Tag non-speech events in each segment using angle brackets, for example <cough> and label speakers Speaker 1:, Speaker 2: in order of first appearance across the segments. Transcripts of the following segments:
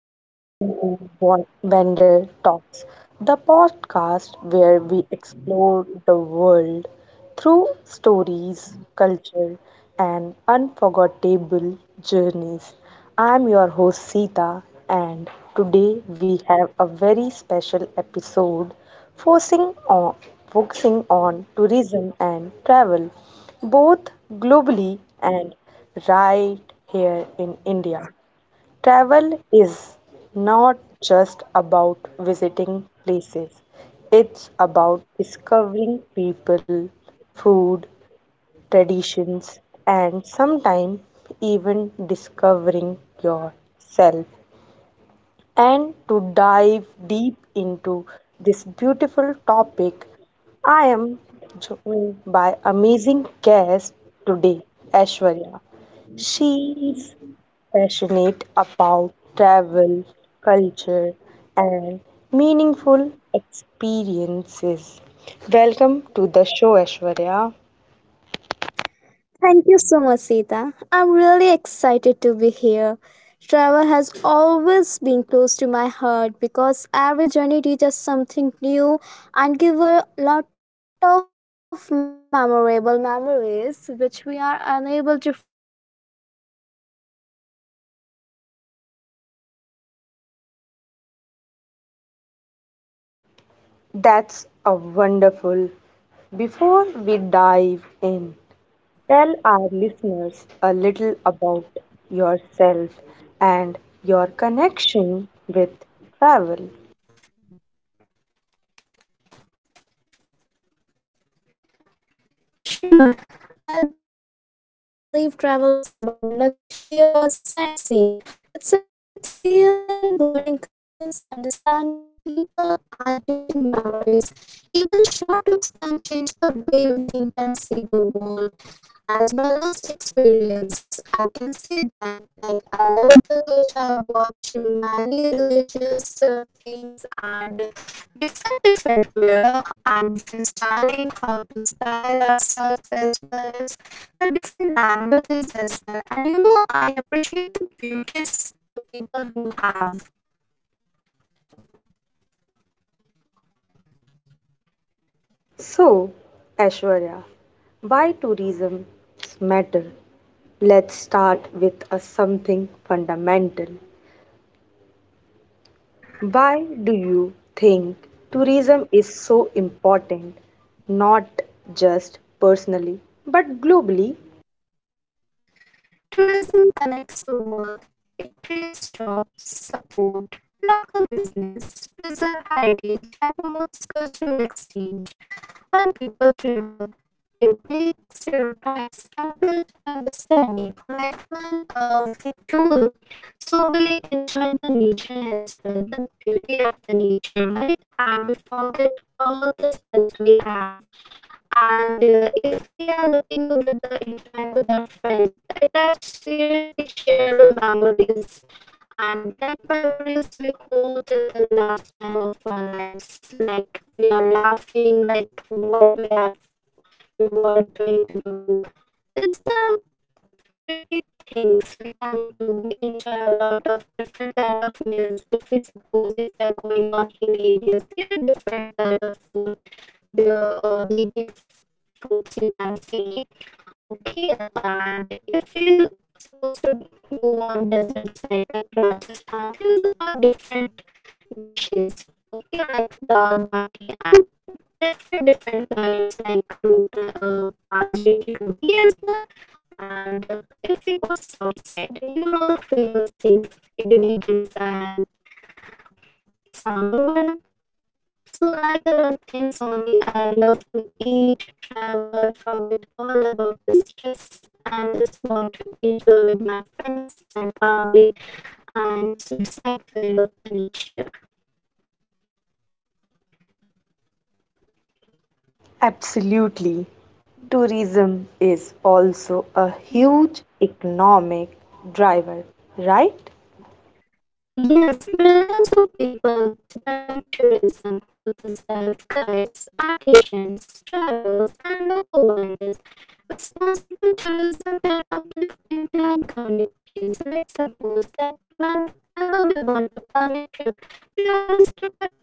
Speaker 1: and welcome to What Vendor Talks, the podcast where we explore the world through stories, culture, and unforgettable journeys. I'm your host Sita, and today we have a very special episode focusing on, focusing on tourism and travel, both globally and right here in India. Travel is not just about visiting places, it's about discovering people, food, traditions, and sometimes even discovering yourself. And to dive deep into this beautiful topic, I am joined by amazing guest today, Ashwarya. She is passionate about travel, culture, and meaningful experiences. Welcome to the show, Ashwarya.
Speaker 2: Thank you so much, Sita. I'm really excited to be here. Travel has always been close to my heart because every journey teaches something new and gives a lot of memorable memories which we are unable to forget and always whenever we remember that we love that memories.
Speaker 1: That's a wonderful. Before we dive in, tell our listeners a little about yourself and your connection with travel.
Speaker 2: Sure, I believe travel is not just about luxury or sightseeing. It's about experiencing, learning cultures, understanding people, and creating memories. Even short trips can change the way we think and see the world. As my last experience, I can say that like I love the culture. I watch many religious things and different wear and different styling, how to style ourselves as well as the different languages as well. And you know, I appreciate the beauties the people who have.
Speaker 1: So, Ashwarya, why tourism matter? Let's start with a something fundamental. Why do you think tourism is so important? Not just personally, but globally?
Speaker 2: Tourism connects the world. It creates jobs, support local business, preserve heritage and promotes cultural exchange. When people travel, they break stereotypes and build understanding. Like when we tour, so we enjoy the nature as well, the beauty of the nature, right? And we forget all the stress we have and if we are looking with the enjoying with our friends that are seriously shareable memories and that memories we hold till the last time of our lives like we are laughing like what we have we were doing to do that's the pretty things we can do. We enjoy a lot of different kind of meals. If we suppose if we are going on hilly areas, there are different kind of foods. There are native foods you can see, okay. And if we supposed to go on desert side like Rajasthan, these are different dishes, okay, like dal bati and different kinds like root bajre ki roti as well. And if we go south side, you know the famous things, idli dosa and sambar vada. So like our things only, I love to eat, travel, forget all about the stress, and just want to enjoy with my friends and family and sight viewing of the nature.
Speaker 1: Absolutely. Tourism is also a huge economic driver, right?
Speaker 2: Yes, millions of people depend on tourism. Hotel staff, guides, artisans, travelers, and local vendors. Responsible tourism can uplift entire communities. Let's suppose that whenever we want to plan a trip, we always took a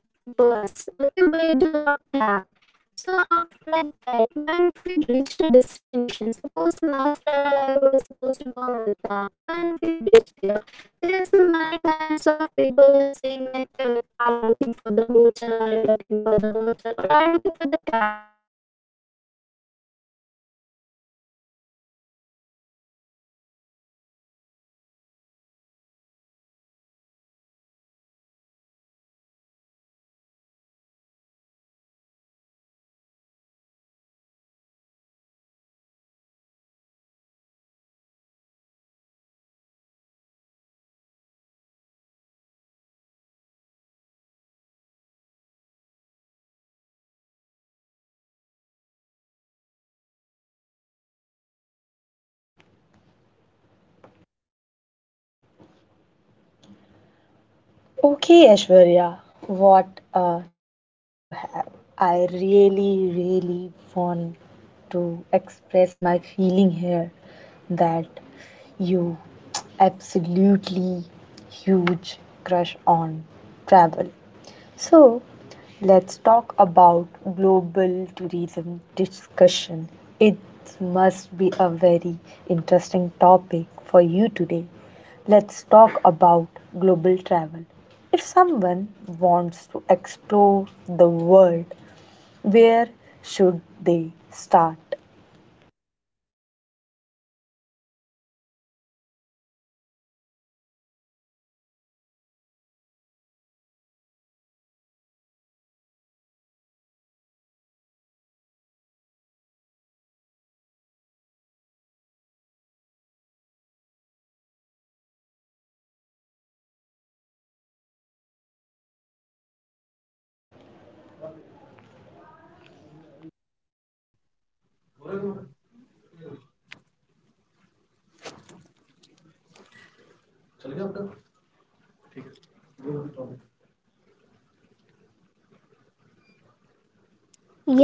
Speaker 2: bus. Okay, we do a cab. So after like that, when we reach the destination, suppose the last travel I was supposed to go on Ladakh. When we reach there, there are some many kinds of people who are saying like are you looking for the hotel, are you looking for the hotel, or are you looking for the cab who will make you enjoy different places as well. And there are a lot of stalls, if you can see in the route, they are selling the food, different kind of foods which cost very high.
Speaker 1: Okay, Aishwarya, what thoughts you have? I really, really want to express my feeling here that you <tsk> absolutely huge crush on travel. So, let's talk about global tourism discussion. It must be a very interesting topic for you today. Let's talk about global travel. If someone wants to explore the world, where should they start?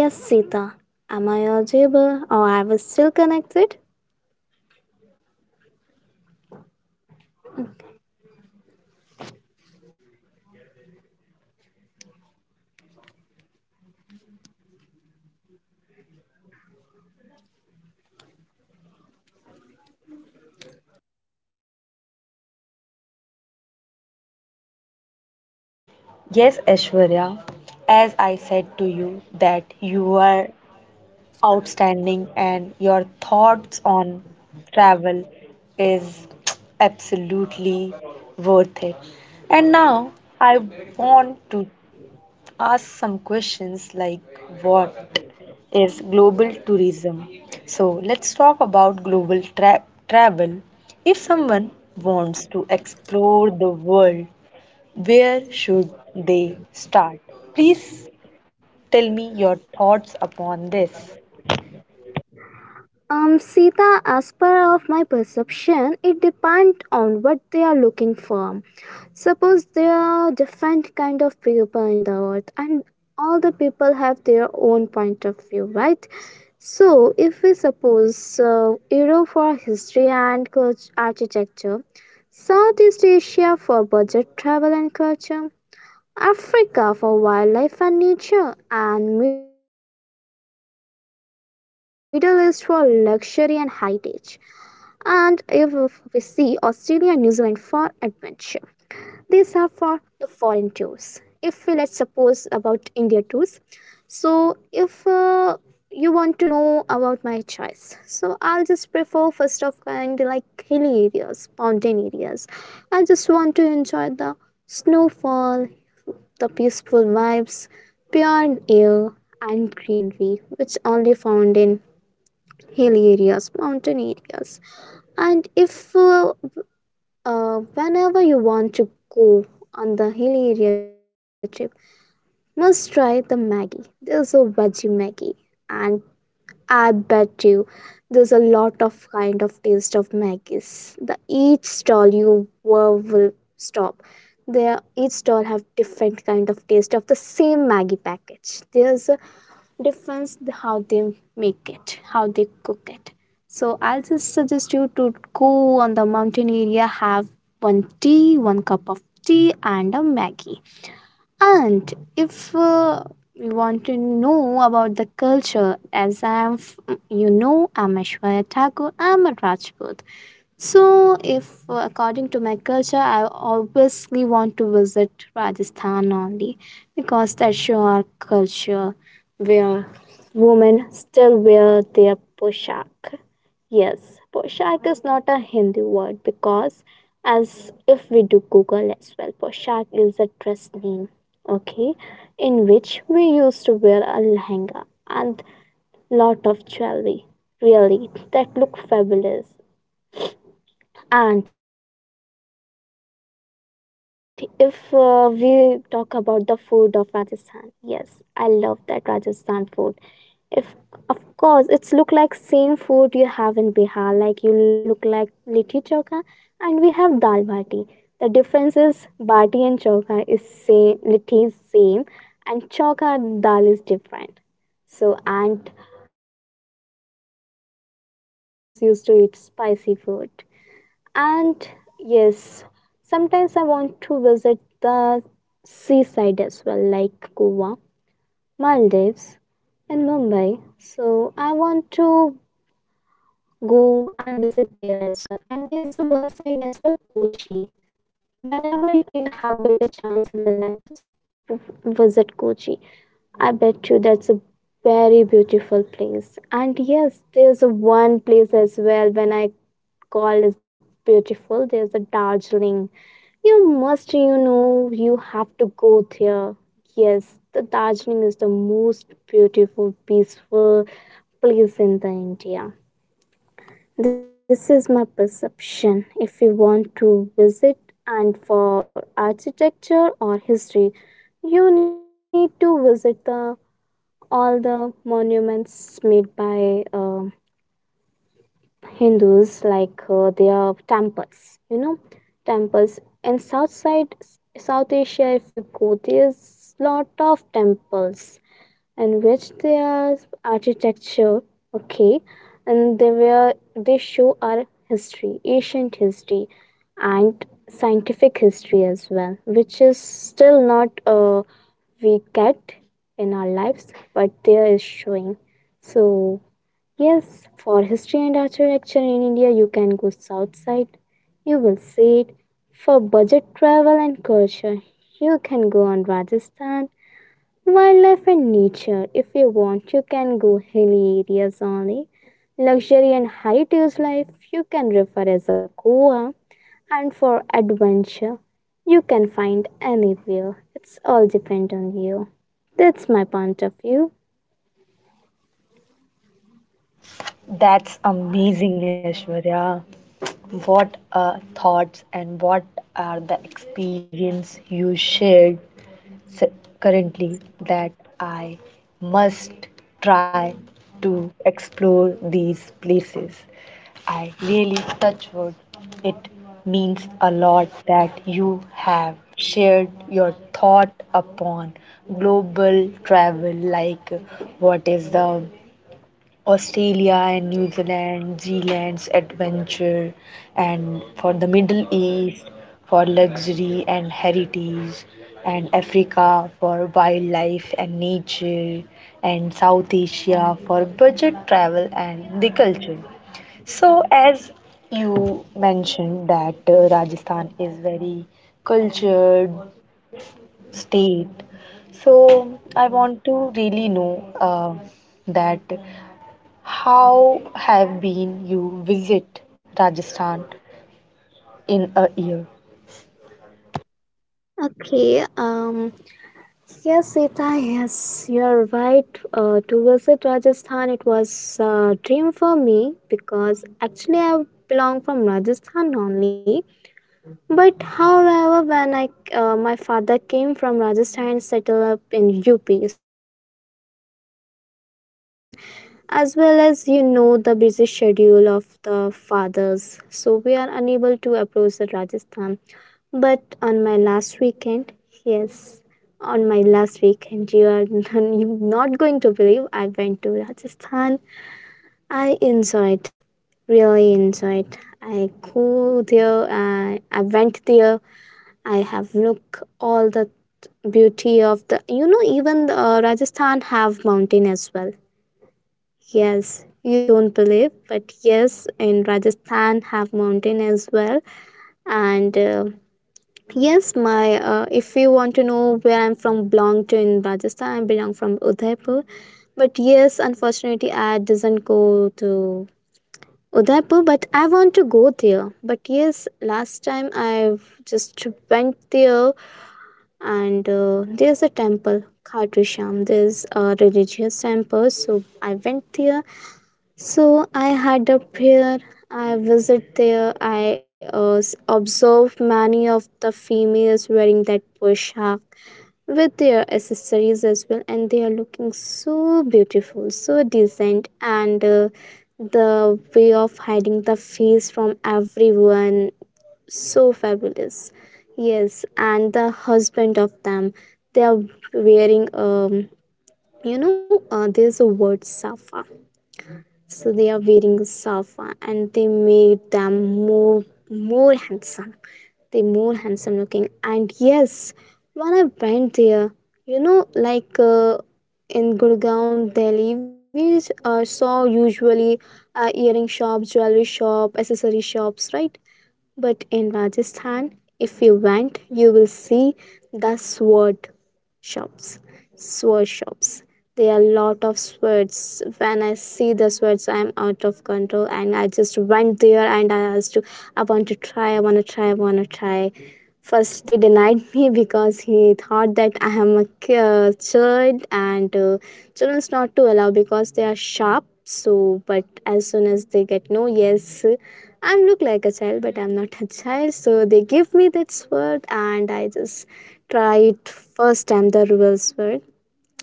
Speaker 2: Yes, Sita. Am I audible or I was still connected?
Speaker 1: Yes, Aishwarya, as I said to you that you are outstanding and your thoughts on travel is absolutely worth it, and now I want to ask some questions like what is global tourism. So let's talk about travel. If someone wants to explore the world, where should they start? Please tell me your thoughts upon this.
Speaker 2: Sita, as per of my perception, it depends on what they are looking for. Suppose there are different kind of people in the world, and all the people have their own point of view, right? So, if we suppose Europe for architecture, Southeast Asia for budget travel and culture, Africa for wildlife and nature, and Middle East for luxury and heritage. And if we see Australia and New Zealand for adventure. These are for the foreign tours. If we let's suppose about India tours. So if you want to know about my choice, so I'll just prefer first of kind like hilly areas, mountain areas. I just want to enjoy the snowfall, the peaceful vibes, pure air, and greenery, which only found in hilly areas, mountain areas. And if whenever you want to go on the hilly area trip, must try the Maggie. There's a veggie Maggie, and I bet you there's a lot of kind of taste of Maggie's. The each stall you were will stop. There each stall have different kind of taste of the same Maggie package. There's a how they make it, how they cook it. So I'll just suggest you to go on the mountain area, have one tea, one cup of tea and a Maggie. And if you want to know about the culture, you know, I'm Ashwarya Thakur, I'm a Rajput. So, if according to my culture, I obviously want to visit Rajasthan only because that's your culture where women still wear their poshak. Yes, poshak is not a Hindi word because, as if we do Google as well, poshak is a dress name, okay, in which we used to wear a lehenga and lot of jewelry, really, that look fabulous. And if we talk about the food of Rajasthan, yes, I love that Rajasthan food. If of course it's look like same food you have in Bihar, like look like litti chokha, and we have dal bati. The difference is bati and chokha is same, litti is same, and chokha dal is different. So and yes, we Rajasthani like spicy food. We always used to eat spicy food. And yes, sometimes I want to visit the seaside as well, like Goa, Maldives, and Mumbai. So I want to go and visit there as well. And there's one side well, Kochi. Whenever you have get a chance in the life, just v- visit Kochi. I bet you that's a very beautiful place. And yes, there's a one place as well when I call it beautiful. There's a Darjeeling, you must, you know, you have to go there. Yes, the Darjeeling is the most beautiful, peaceful place in the India. This is my perception. If you want to visit and for architecture or history, you need to visit the all the monuments made by Hindus, like their temples, you know, temples. And south side, South Asia, if you go, there's lot of temples and which their architecture, okay, and they show our history, ancient history, and scientific history which is still not we get in our lives, but there is showing. So yes, for history and architecture in India, you can go south side. You will see it. For budget travel and culture, you can go on Rajasthan. Wildlife and nature, if you want, you can go hilly areas only. Luxury and heritage life, you can refer as a Goa. And for adventure, you can find anywhere. It's all depend on you. That's my point of view.
Speaker 1: That's amazing, Aishwarya. What are thoughts and what are the experience you shared s- currently, that I must try to explore these places. I really touch wood. It means a lot that you have shared your thought upon global travel, like what is the Australia and New Zealand, Zealand's adventure, and for the Middle East for luxury and heritage, and Africa for wildlife and nature, and South Asia for budget travel and the culture. So, as you mentioned that Rajasthan is very cultured state, so I want to really know that how have been you visit Rajasthan in a year?
Speaker 2: Okay, yes, Sita, yes, you are right. To visit Rajasthan, it was a dream for me because actually I belong from Rajasthan only. But however, when I my father came from Rajasthan and settled up in UP, so it's hard to go back in Rajasthan as well as you know the busy schedule of the fathers. So we are unable to approach the Rajasthan. But on my last weekend, yes, on my last weekend, you are <laughs> you not going to believe I went to Rajasthan. I enjoyed, really enjoyed. I go there, I went there, I have looked all the beauty of the, you know, even Rajasthan have mountain as well. Yes, you don't believe, but yes, in Rajasthan have mountain as well. And yes, my if you want to know where I'm from, belong to in Rajasthan. I belong from Udaipur, but yes, unfortunately, I doesn't go to Udaipur. But I want to go there. But yes, last time I just went there, and there's a temple, Khatu Sham. There's a religious temple, so I went there, so I had a prayer. I visit there. I observed many of the females wearing that poshak with their accessories as well, and they are looking so beautiful, so decent, and the way of hiding the face from everyone so fabulous. Yes, and the husband of them, they are wearing you know, there's a word safa, so they are wearing a safa and they made them more more handsome they more handsome looking. And yes, when I went there, you know, like in Gurgaon, Delhi, we saw usually earring shops, jewelry shop, accessory shops, right? But in Rajasthan, if you went, you will see the sword shops. Sword shops. There are a lot of swords. When I see the swords, I'm out of control, and I just went there and I asked to, I want to try, I want to try, I want to try. First, they denied <laughs> me because he thought that I am a child, and children's not to allow because they are sharp. So, but as soon as they get no yes, I look like a child, but I'm not a child. So they give me that sword, and I just try it first time the real sword.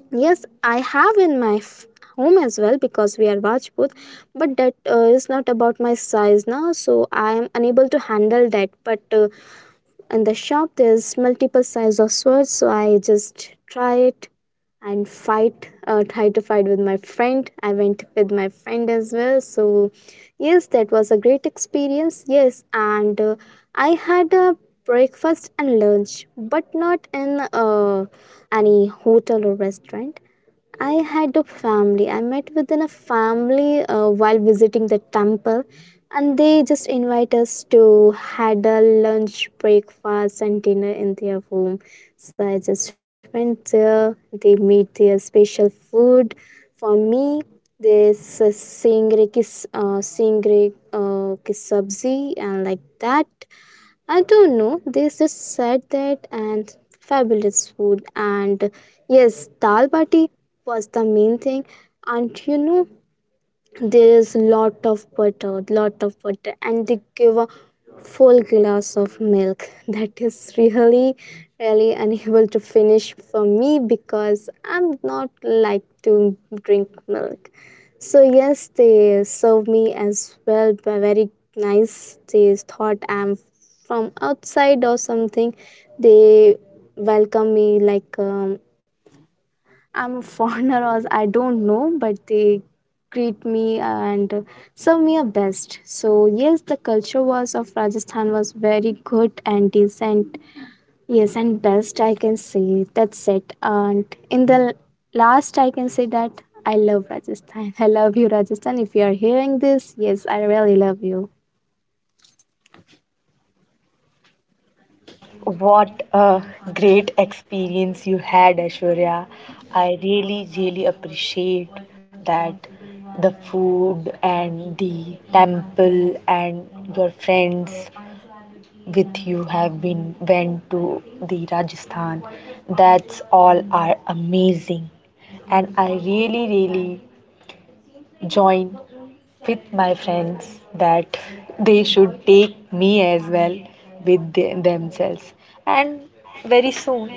Speaker 2: Yes, I have in my home as well because we are Rajput, but that is not about my size now, so I am unable to handle that. But in the shop, there's multiple size of swords, so I just try it and fight try to fight with my friend. I went with my friend as well, so yes, that was a great experience. Yes, and I had a breakfast and lunch, but not in any hotel or restaurant. I had a family. I met within a family while visiting the temple, and they just invite us to had a lunch, breakfast, and dinner in their home. So I just went there. They made their special food for me. This singre ki sabzi and like that. I don't know. They just said that, and fabulous food. And yes, dal bati was the main thing. And there is lot of butter and they give a full glass of milk <laughs> that is really unable to finish for me because I'm not like to drink milk. So yes, they serve me as well, but very nice. They thought I'm from outside or something. They welcome me like I'm a foreigner, <laughs> or I don't know, but they greet me and serve me a best. So yes, the culture was of Rajasthan was very good and decent. Yes, and best I can say. That's it. And in the last, I can say that I love Rajasthan. <laughs> I love you, Rajasthan. If you are hearing this, yes, I really love you.
Speaker 1: What a great experience you had, Ashwarya. I really, really appreciate that the food and the temple and your friends with you have been went to the Rajasthan. That's all are amazing, and I really really join with my friends that they should take me as well with themselves. And very soon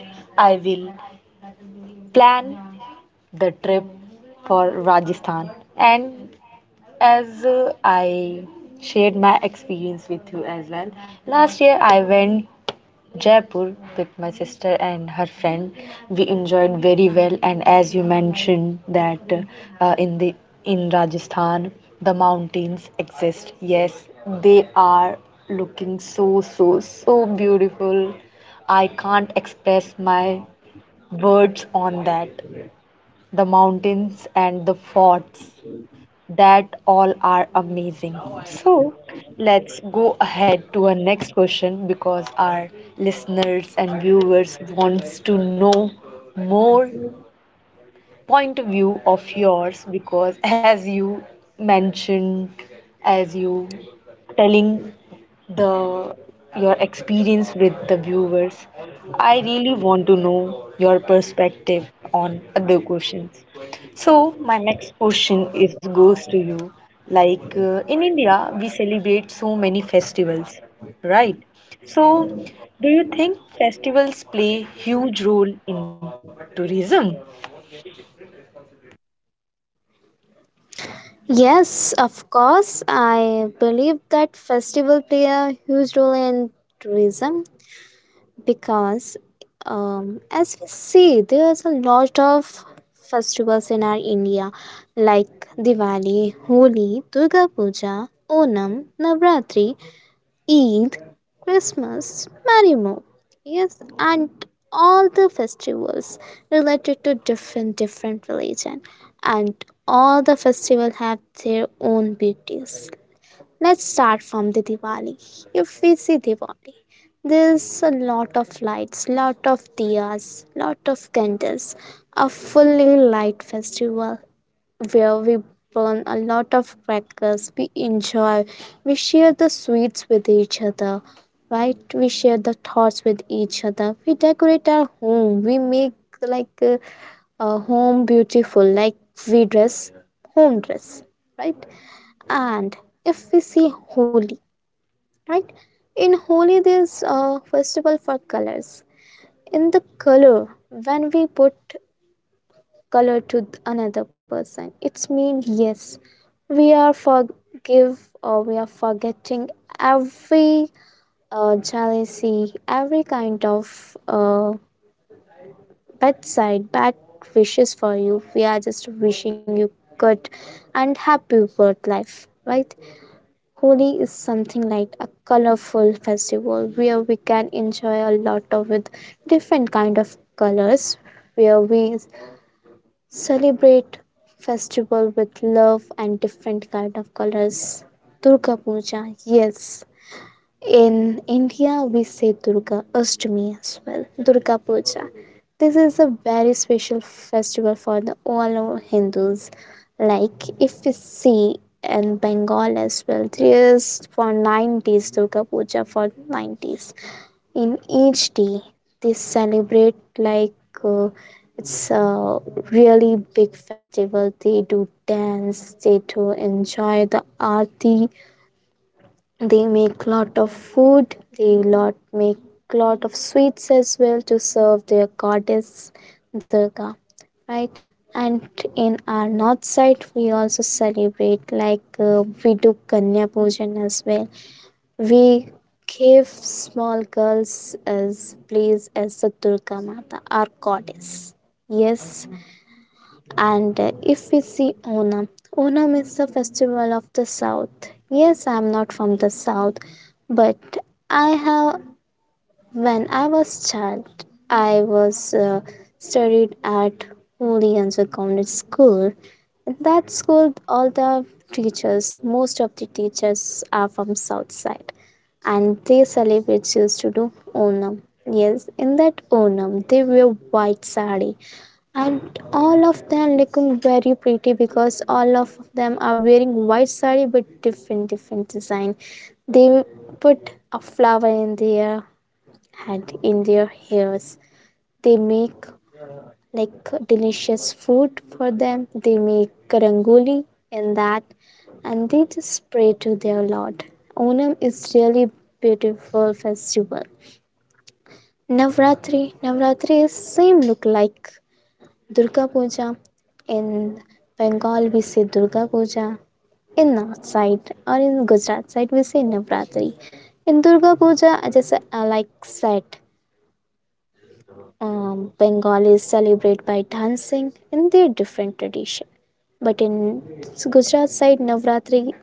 Speaker 1: I will plan the trip for Rajasthan. And as I shared my experience with you as well, last year I went Jaipur with my sister and her friend. We enjoyed very well, and as you mentioned that uh, in the in Rajasthan the mountains exist. Yes, they are looking so so so beautiful. I can't express my words on that. The mountains and the forts, that all are amazing. So let's go ahead to our next question because our listeners and viewers wants to know more point of view of yours, because as you mentioned, as you telling the your experience with the viewers. I really want to know your perspective on other questions. So my next question is goes to you. Like in India, we celebrate so many festivals, right? So, do you think festivals play huge role in tourism?
Speaker 2: Yes, of course. I believe that festival play a huge role in tourism because as we see, there's a lot of festivals in our India, like Diwali, Holi, Durga Puja, Onam, Navratri, Eid, Christmas, many more. Yes. And all the festivals related to different different religion, and all the festival have their own beauties. Let's start from the Diwali. If we see Diwali, there's a lot of lights, lot of diyas, lot of candles, a fully light festival where we burn a lot of crackers, we enjoy, we share the sweets with each other, right? We share the thoughts with each other. We decorate our home, we make like a home beautiful, like we dress home dress, right? And if we see Holi, right? In Holi, there's a festival for colors. In the color, when we put color to another person, it's mean yes, we are forgive or we are forgetting every jealousy, every kind of bad side, bad wishes for you. We are just wishing you good and happy work life, right? Holi is something like a colorful festival where we can enjoy a lot of with different kind of colors, where we celebrate festival with love and different kind of colors. Durga Puja, yes. In India, we say Durga Ashtami as well, Durga Puja. This is a very special festival for the all our Hindus. Like, if we see in Bengal as well, there is for 9 days Durga Puja for 9 days. In each day, they celebrate like uh, it's a really big festival. They do dance, they do enjoy the aarti. They make lot of food, they lot of sweets as well to serve their goddess Durga, right? And in our north side, we also celebrate like we do kanya pujan as well. We give small girls as place as the Durga Mata, our goddess. Yes. And if we see Onam, Onam is the festival of the South. Yes, I am not from the South, but I have, when I was child, I was studied at Holy Angel Convent School. In that school, all the teachers, most of the teachers are from South side, and they celebrate used to do Onam. Yes, in that Onam, they wear white sari, and all of them looking very pretty because all of them are wearing white sari but different different design. They put a flower in their head, in their hairs. They make like delicious food for them. They make rangoli in that, and they just pray to their lord. Onam is really beautiful festival. Navratri, navratri is same look like Durga Puja. In Bengal, we say Durga Puja. In North side or in Gujarat side, we say Navratri. In Durga Puja, just like said, Bengalis celebrate by dancing in their different tradition. But in Gujarat side, Navratri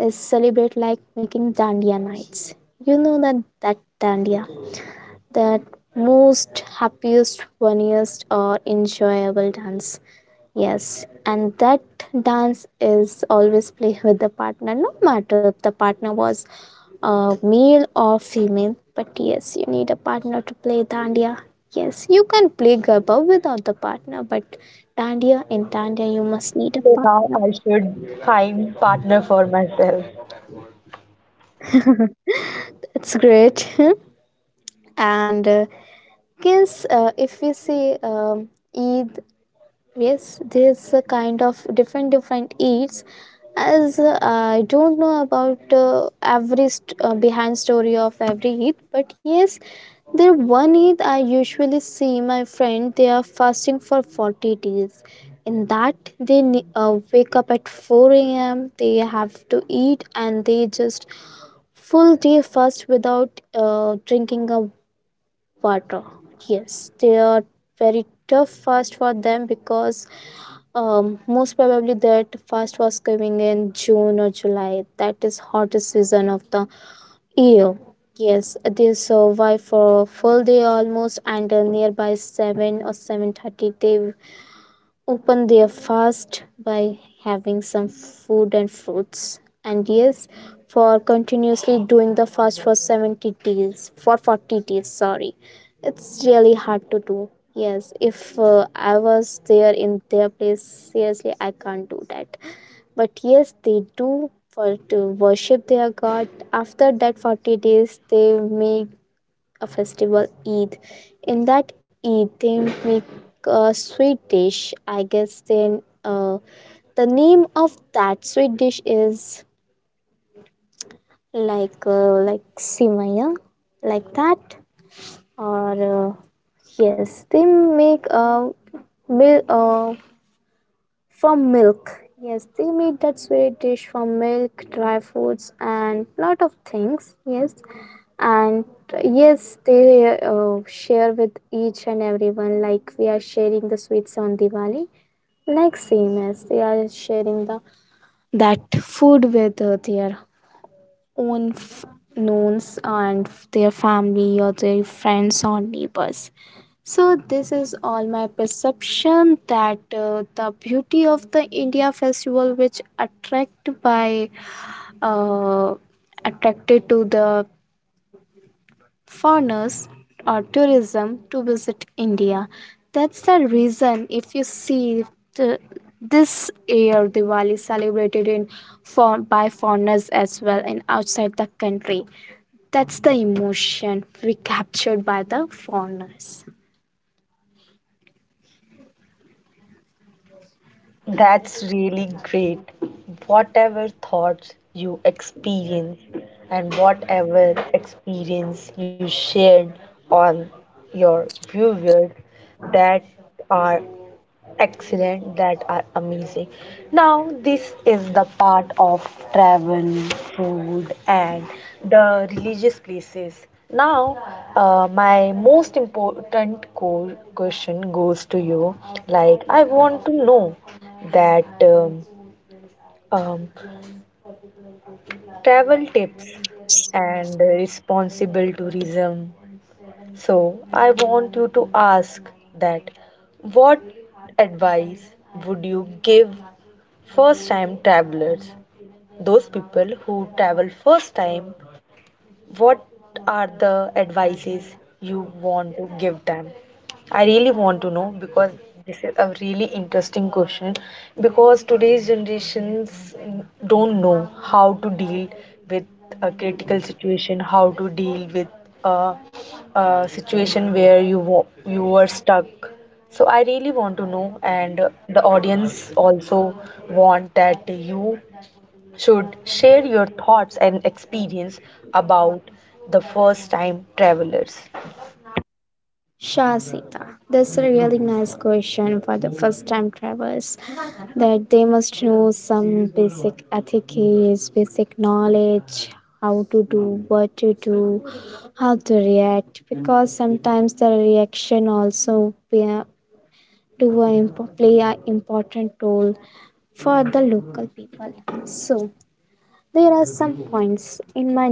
Speaker 2: is celebrate like making dandiya nights. You know that that dandiya, that most happiest, funniest, or enjoyable dance. Yes, and that dance is always play with the partner, no matter if the partner was a male or female. But yes, you need a partner to play dandiya. Yes, you can play garba without the partner, but dandiya in dandiya you must need a
Speaker 1: So now
Speaker 2: partner.
Speaker 1: I should find partner for myself.
Speaker 2: It's great. <laughs> and guess if we say Eid, yes, there's a kind of different different eats. As I don't know about behind story of every eat, but yes, there one eat I usually see my friend they are fasting for 40 days. In that, they wake up at 4 a.m. They have to eat, and they just full day fast without drinking a water. Yes, they are very tough fast for them because most probably that first was coming in June or July. That is hottest season of the year. Yes, they survive for a full day almost, and nearby 7 or 7:30, they open their fast by having some food and fruits. And yes, for continuously doing the fast for 70 days for 40 days, sorry, it's really hard to do. Yes, if I was there in their place, seriously, I can't do that. But yes, they do for to worship their god. After that 40 days, they make a festival, Eid. In that Eid, they make a sweet dish. I guess then the name of that sweet dish is like simaya, like that. Or yes, they make a bil- uh, from milk. Yes, they made that sweet dish from milk, dry foods, and lot of things. Yes, and yes, they share with each and everyone, like we are sharing the sweets on Diwali. Like same as they are sharing the that food with their own f- knowns and their family or their friends or neighbors. So this is all my perception that the beauty of the India festival, which attract by uh, attracted to the foreigners or tourism to visit India. That's the reason. If you see the, this year Diwali celebrated in for by foreigners as well and outside the country. That's the emotion recaptured by the foreigners.
Speaker 1: That's really great. Whatever thoughts you experience and whatever experience you shared on your viewers, that are excellent, that are amazing. Now, this is the part of travel, food, and the religious places. Now, my most important question goes to you. Like, I want to know that um, travel tips and responsible tourism. So, I want you to ask that what advice would you give first time travelers, those people who travel first time, what are the advices you want to give them? I really want to know because this is a really interesting question, because today's generations don't know how to deal with a critical situation, how to deal with a, a situation where you you were stuck. So I really want to know, and the audience also want that you should share your thoughts and experience about the first time travelers.
Speaker 2: Shasita. That's a really nice question for the first time travelers. That they must know some basic etiquettes, basic knowledge, how to do, what to do, how to react. Because sometimes the reaction also play a important role for the local people. So, there are some points in my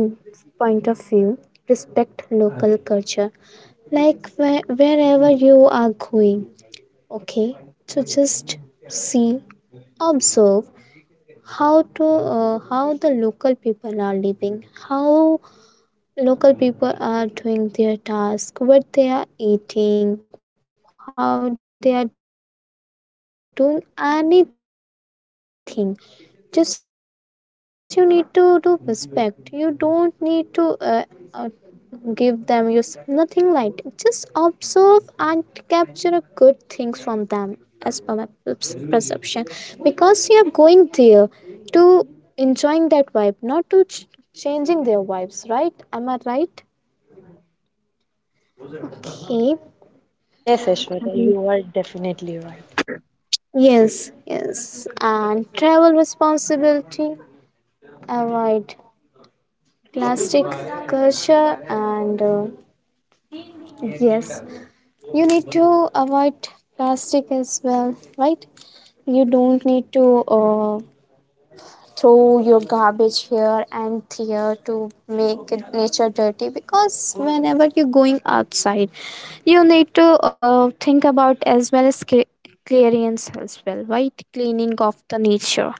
Speaker 2: point of view. Respect local culture, like where, wherever you are going, okay? So just see, observe how to how the local people are living, how local people are doing their task, what they are eating, how they are doing anything. Just you need to do respect. You don't need to uh, give them your suggestion or give any flows, tones, nothing like that. Just observe and capture a good things from them as per my vibe, not to changing their vibes, right? Am I right? Okay.
Speaker 1: Yes, Aishwarya,
Speaker 2: Um,
Speaker 1: you are definitely right.
Speaker 2: yes, yes. And travel responsibility, avoid plastic culture, and yes, you need to avoid plastic as well, right? You don't need to throw your garbage here and here to make it nature dirty, because whenever you're going outside, you need to think about as well as clearance as well, right? Cleaning of the nature.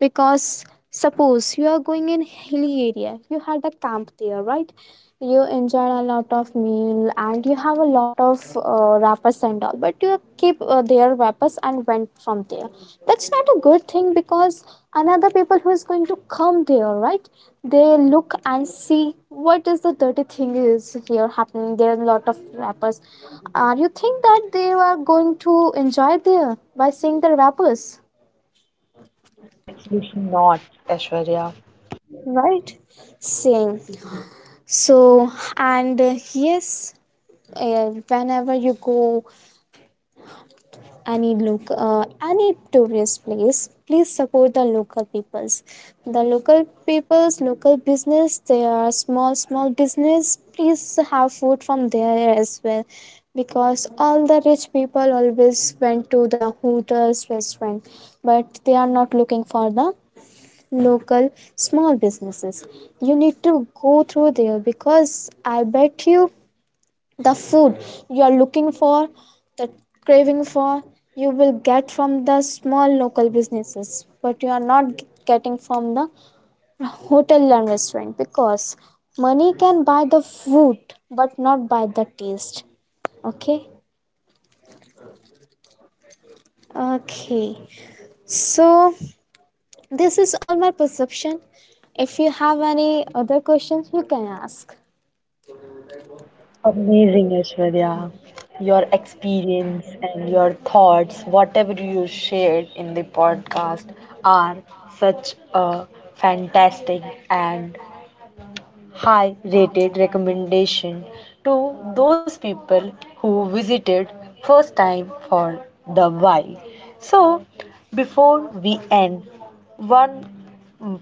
Speaker 2: Because suppose you are going in hilly area, you had a camp there, right? You enjoy a lot of meal and you have a lot of wrappers and all, but you keep their wrappers and went from there. That's not a good thing because another people who is going to come there, right? They look and see what is the dirty thing is here happening. There are a lot of wrappers. You think that they are going to enjoy there by seeing the wrappers?
Speaker 1: No, absolutely not, Ashwarya.
Speaker 2: Right? Same. So and yes, whenever you go any look any tourist place, please support the local peoples. The local peoples, local business, they are small small business. Please have food from there as well, because all the rich people always went to the hotels restaurant, but they are not looking for the local small businesses. You need to go through there because I bet you, the food you are looking for, the craving for, you will get from the small local businesses, but you are not getting from the hotel and restaurant. Because money can buy the food, but not buy the taste. Okay. Okay. So this is all my perception. If you have any other questions, you can ask.
Speaker 1: Amazing, Aishwarya. Your experience and your thoughts, whatever you shared in the podcast, are such a fantastic and high rated recommendation to those people who visited first time for the while. So before we end, one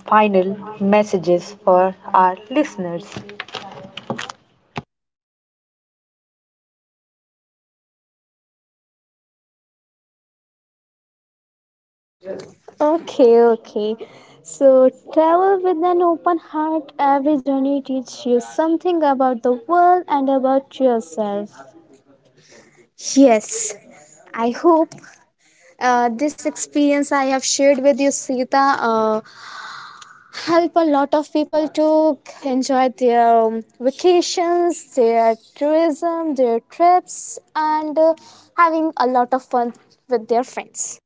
Speaker 1: final messages for our listeners.
Speaker 2: Okay, okay. So travel with an open heart. Every journey teaches you something about the world and about yourself. Yes. I hope this experience I have shared with you, Sita, help a lot of people to enjoy their vacations, their tourism, their trips, and having a lot of fun with their friends.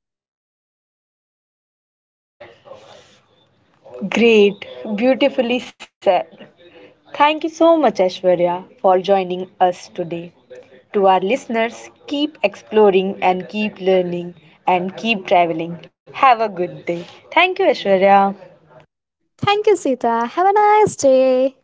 Speaker 1: Great, beautifully said. Thank you so much, Ashwarya, for joining us today. To our listeners, keep exploring and keep learning and keep traveling. Have a good day. Thank you, Ashwarya.
Speaker 2: Thank you, Sita. Have a nice day.